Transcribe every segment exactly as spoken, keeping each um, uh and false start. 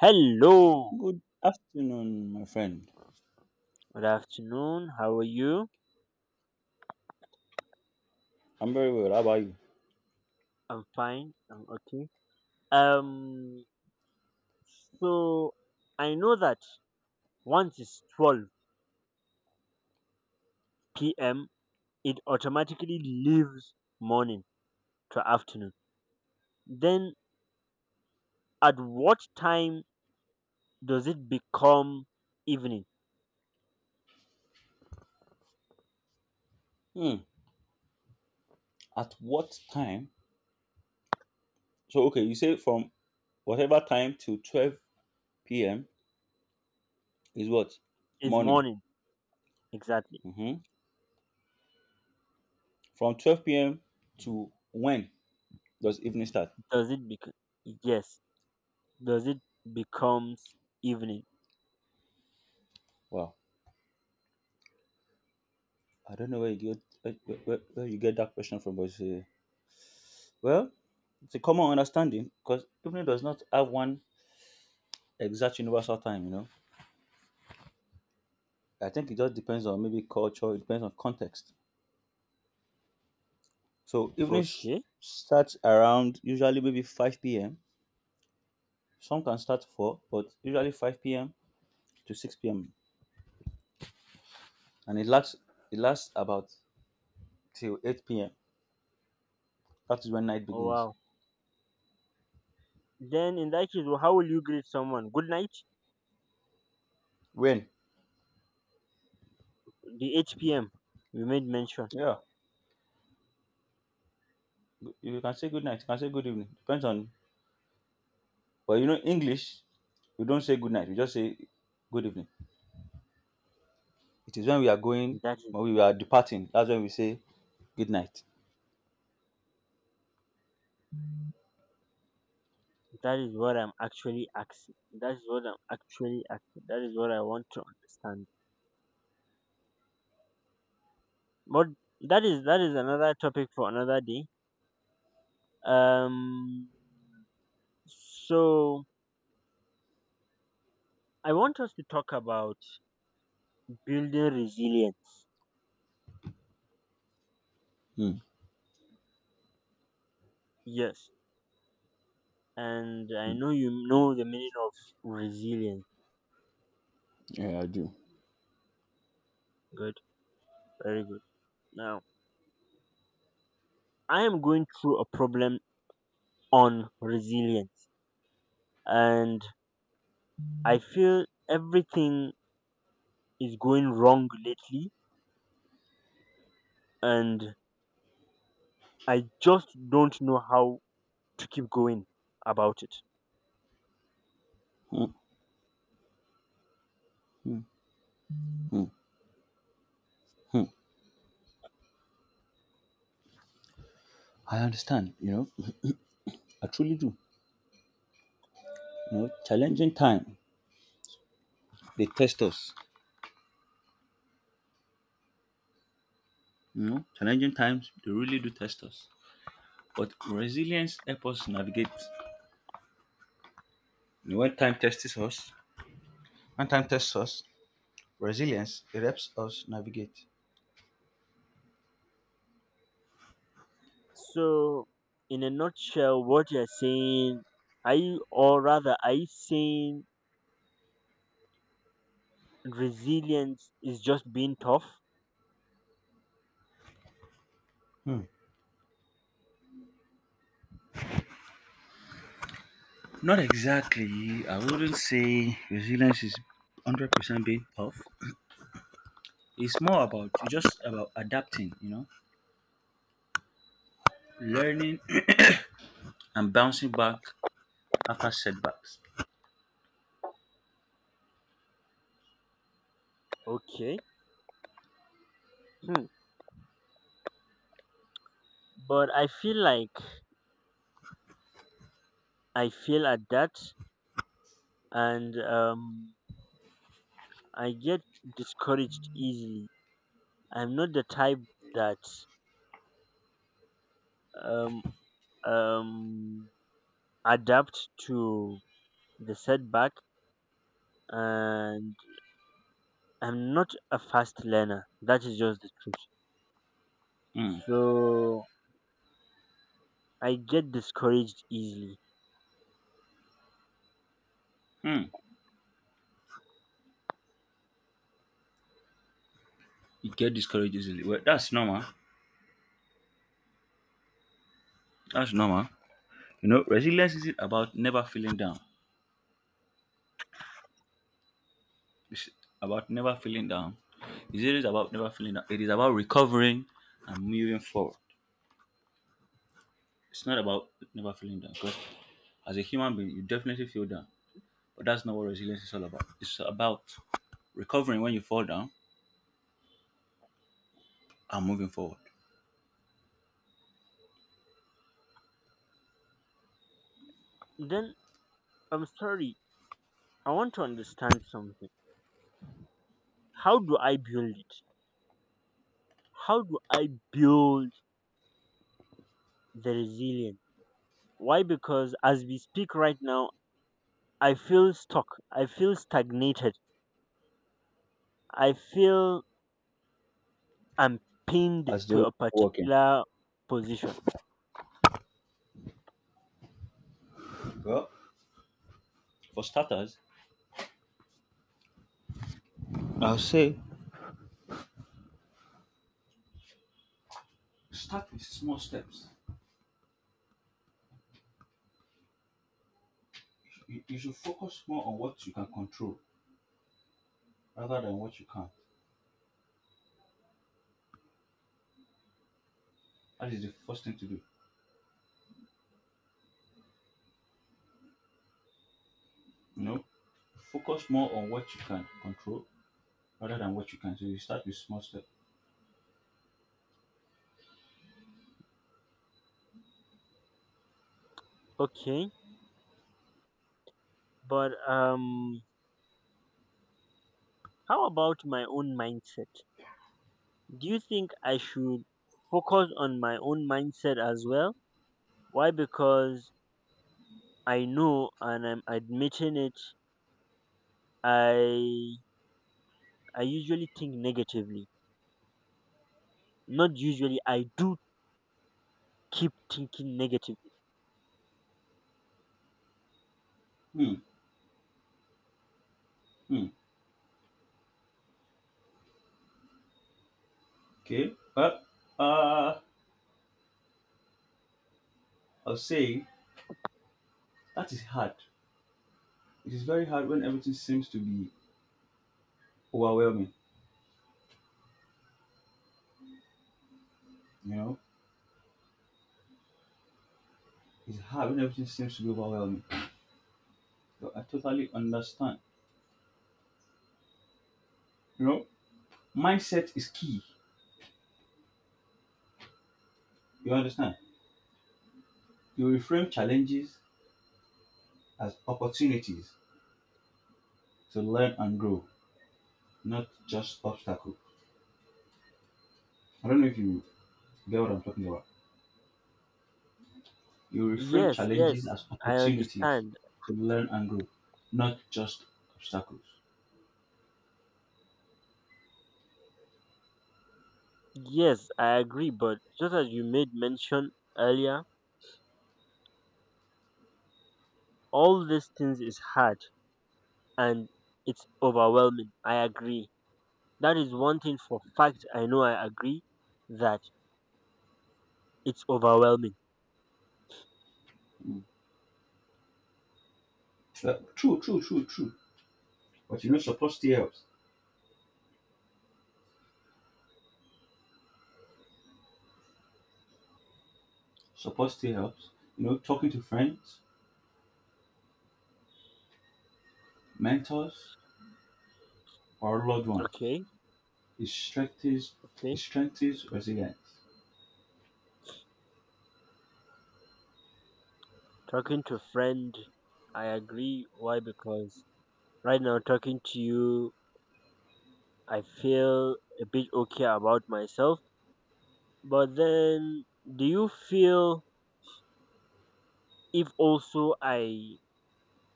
Hello, Good afternoon, my friend. good afternoon. How are you? I'm very well. How about you? I'm fine. I'm okay. Um, so I know that once it's twelve p m, it automatically leaves morning to afternoon. Then at what time does it become evening? Hmm. At what time? So, okay, you say from whatever time to twelve p m is what? Is Morning. morning exactly? Hmm. From twelve p m to when does evening start? Does it become yes? Does it becomes evening? Wow. I don't know where you get where, where, where where you get that question from, but it's a- well, it's a common understanding because evening does not have one exact universal time, you know. I think it just depends on maybe culture, it depends on context. So evening sh- Okay. starts around usually maybe five p m. Some can start four, but usually five p m to six p m. And it lasts it lasts about till eight p m. That is when night Oh, begins. wow. Then in that case, how will you greet someone? Good night. When? The H P M you made mention. Yeah. G- You can say good night, you can say good evening. Depends on, but you know English, we don't say good night, we just say good evening. It is when we are going, That is when we are departing, that's when we say good night. that is what I'm actually asking. That is what I'm actually asking. That is what I want to understand. But that is that is another topic for another day. Um. So I want us to talk about building resilience. Hmm, Yes, and I know you know the meaning of resilience. I do. Good, very good. Now I am going through a problem on resilience, and I feel everything is going wrong lately and I just don't know how to keep going about it. Hmm, hmm, hmm. I understand, you know. I truly do. You know, challenging time. They test us. You know, challenging times, they really do test us. But resilience helps us navigate. You know, when time tests us, when time tests us, resilience it helps us navigate. So, in a nutshell, what you're saying, are you, or rather, are you saying resilience is just being tough? Hmm. Not exactly. I wouldn't say resilience is hundred percent being tough. It's more about it's just about adapting. You know, learning and bouncing back after setbacks. Okay. Hmm. But I feel like I feel at that and um, I get discouraged easily. I'm not the type that um, um, adapt to the setback and I'm not a fast learner. That is just the truth, Hmm. so I get discouraged easily. Hmm. You get discouraged easily. Well, that's normal. That's normal. You know, resilience is about never feeling down. It's about never feeling down. It's always about never feeling down. It is about recovering and moving forward. It's not about never feeling down because as a human being, you definitely feel down. But that's not what resilience is all about. It's about recovering when you fall down and moving forward. Then I'm sorry, I want to understand something. How do I build it? How do I build the resilience? Why? Because as we speak right now, I feel stuck, I feel stagnated, I feel i'm pinned As to though a walking. particular position. Well, for starters, I'll say start with small steps. You, you should focus more on what you can control rather than what you can't. That is the first thing to do. You know, focus more on what you can control rather than what you can. So you start with small step. Okay, but um how about my own mindset? Do you think I should focus on my own mindset as well? Why? Because I know and I'm admitting it, I I usually think negatively. Not usually, I do keep thinking negatively. Hmm. Hmm. Okay. Well, uh, I'll say that is hard. It is very hard when everything seems to be overwhelming. You know, it's hard when everything seems to be overwhelming. So I totally understand. You know, mindset is key. You understand? You reframe challenges as opportunities to learn and grow, not just obstacles. I don't know if you get what I'm talking about. You reframe Yes, yes, challenges as I opportunities understand. to learn and grow, not just obstacles. Yes, I agree, but just as you made mention earlier, all these things is hard and it's overwhelming. I agree. That is one thing for fact I know, I agree that it's overwhelming. Well, true, true, true, true. But you know, support still helps. Support still helps. You know, talking to friends, mentors, or loved ones. Okay, It strengthens, it okay. strengthens resilience. Talking to friend, I agree. Why? Because right now talking to you, I feel a bit okay about myself. But then, do you feel if also I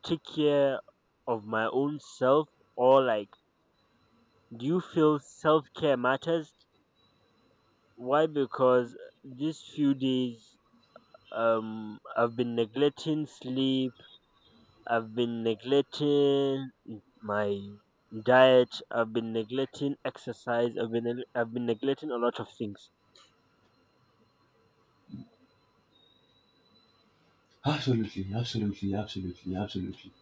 take care of my own self, or like, do you feel self care matters? Why? Because these few days um I've been neglecting sleep, I've been neglecting my diet, I've been neglecting exercise, I've been neg- I've been neglecting a lot of things. Absolutely, absolutely, absolutely, absolutely.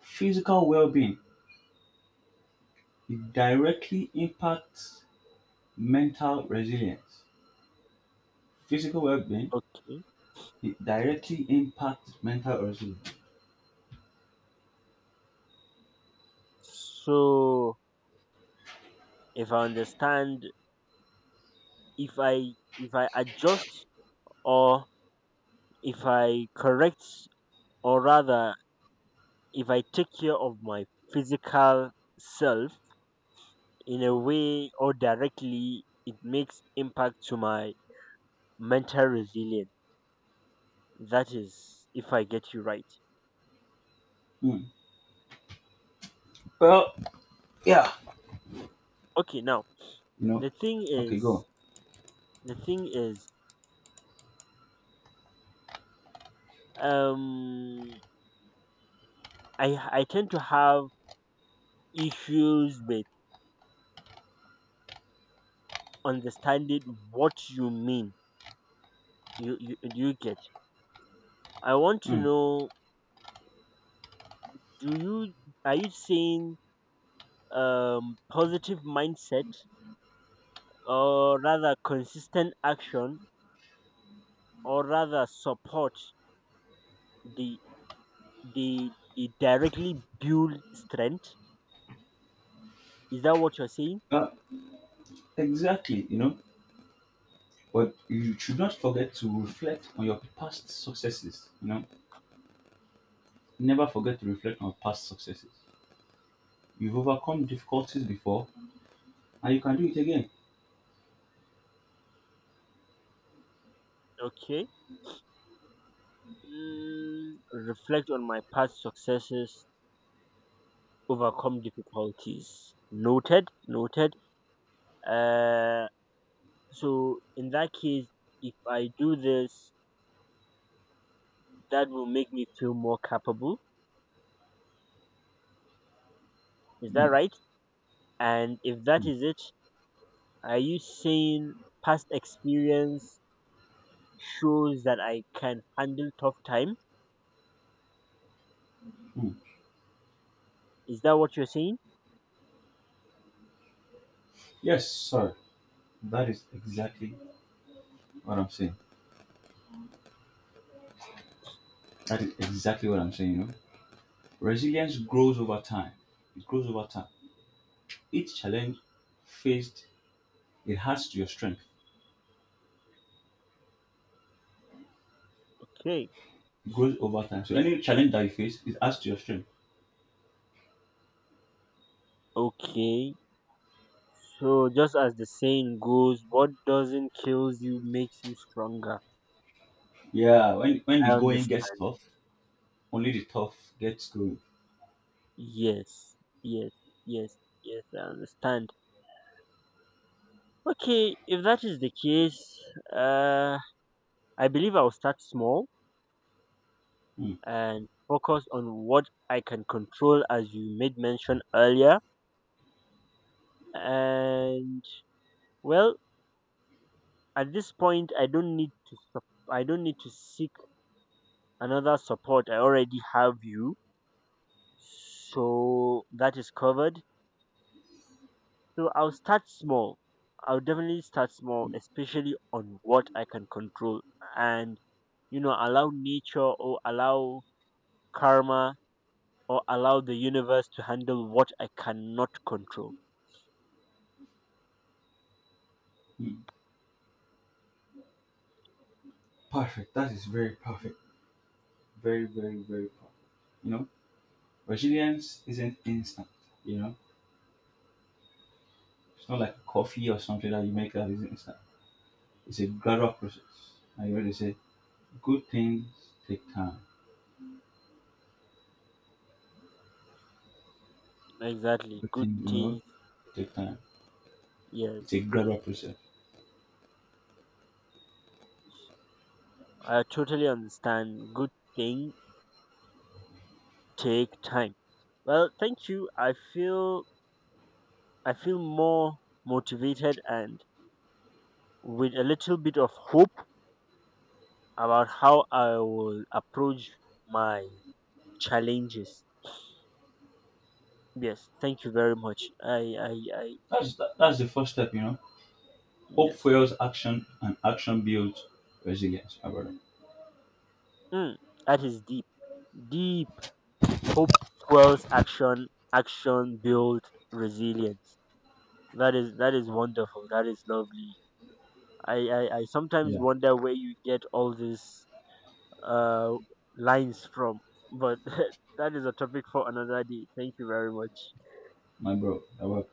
Physical well-being it directly impacts mental resilience. Physical well-being Okay, it directly impacts mental resilience. so if I understand, if i if i adjust, or if I correct, or rather if I take care of my physical self, in a way or directly it makes impact to my mental resilience. That is if I get you right. Hmm. Well, yeah, Okay, now you know. the thing Okay, go is the thing is um I I tend to have issues with understanding what you mean. You you do you get. I want to on. Mm. know do you are you saying um positive mindset, or rather consistent action, or rather support, the the the directly build strength? Is that what you're saying? Uh, exactly, you know. But you should not forget to reflect on your past successes. You know, never forget to reflect on past successes. You've overcome difficulties before, and you can do it again. Okay. Mm, reflect on my past successes, overcome difficulties. Noted, noted. Uh, so in that case, if I do this, that will make me feel more capable. Is that Mm, right? And if that mm, is it, are you saying past experience shows that I can handle tough time? mm. Is that what you're saying? Yes, sir. That is exactly what I'm saying. That is exactly what I'm saying. You know, resilience grows over time. It grows over time. Each challenge faced, it has your strength, Okay. grows over time. So any challenge that you face, it adds to your strength. Okay. So just as the saying goes, what doesn't kills you makes you stronger. Yeah, when when the I going gets understand. tough, only the tough gets going. Yes, yes, yes, yes. I understand. Okay, if that is the case, uh, I believe I'll start small Mm, and focus on what I can control, as you made mention earlier. And well, at this point, I don't need to. sup- I don't need to seek another support. I already have you, so that is covered. So I'll start small. I'll definitely start small, especially on what I can control and, you know, allow nature, or allow karma, or allow the universe to handle what I cannot control. mm. Perfect. That is very perfect. Very, very, very perfect. You know, resilience isn't instant. You know, it's not like coffee or something that you make that is instant. It's a gradual process. I already said, good things take time. Exactly. Good Good things, you know, things, take time. It's a yes. gradual process. I totally understand. Good thing take time. Well, thank you. I feel I feel more motivated and with a little bit of hope about how I will approach my challenges. Yes, thank you very much. I, I, I, That's that, that's the first step. You know, hope yes. fuels action, and action builds resilience. My brother. Mm, that is deep. Deep. Hope fuels action. Action builds resilience. That is that is wonderful. That is lovely. I, I, I sometimes Yeah, wonder where you get all these uh lines from, but that is a topic for another day. Thank you very much. my bro. I work.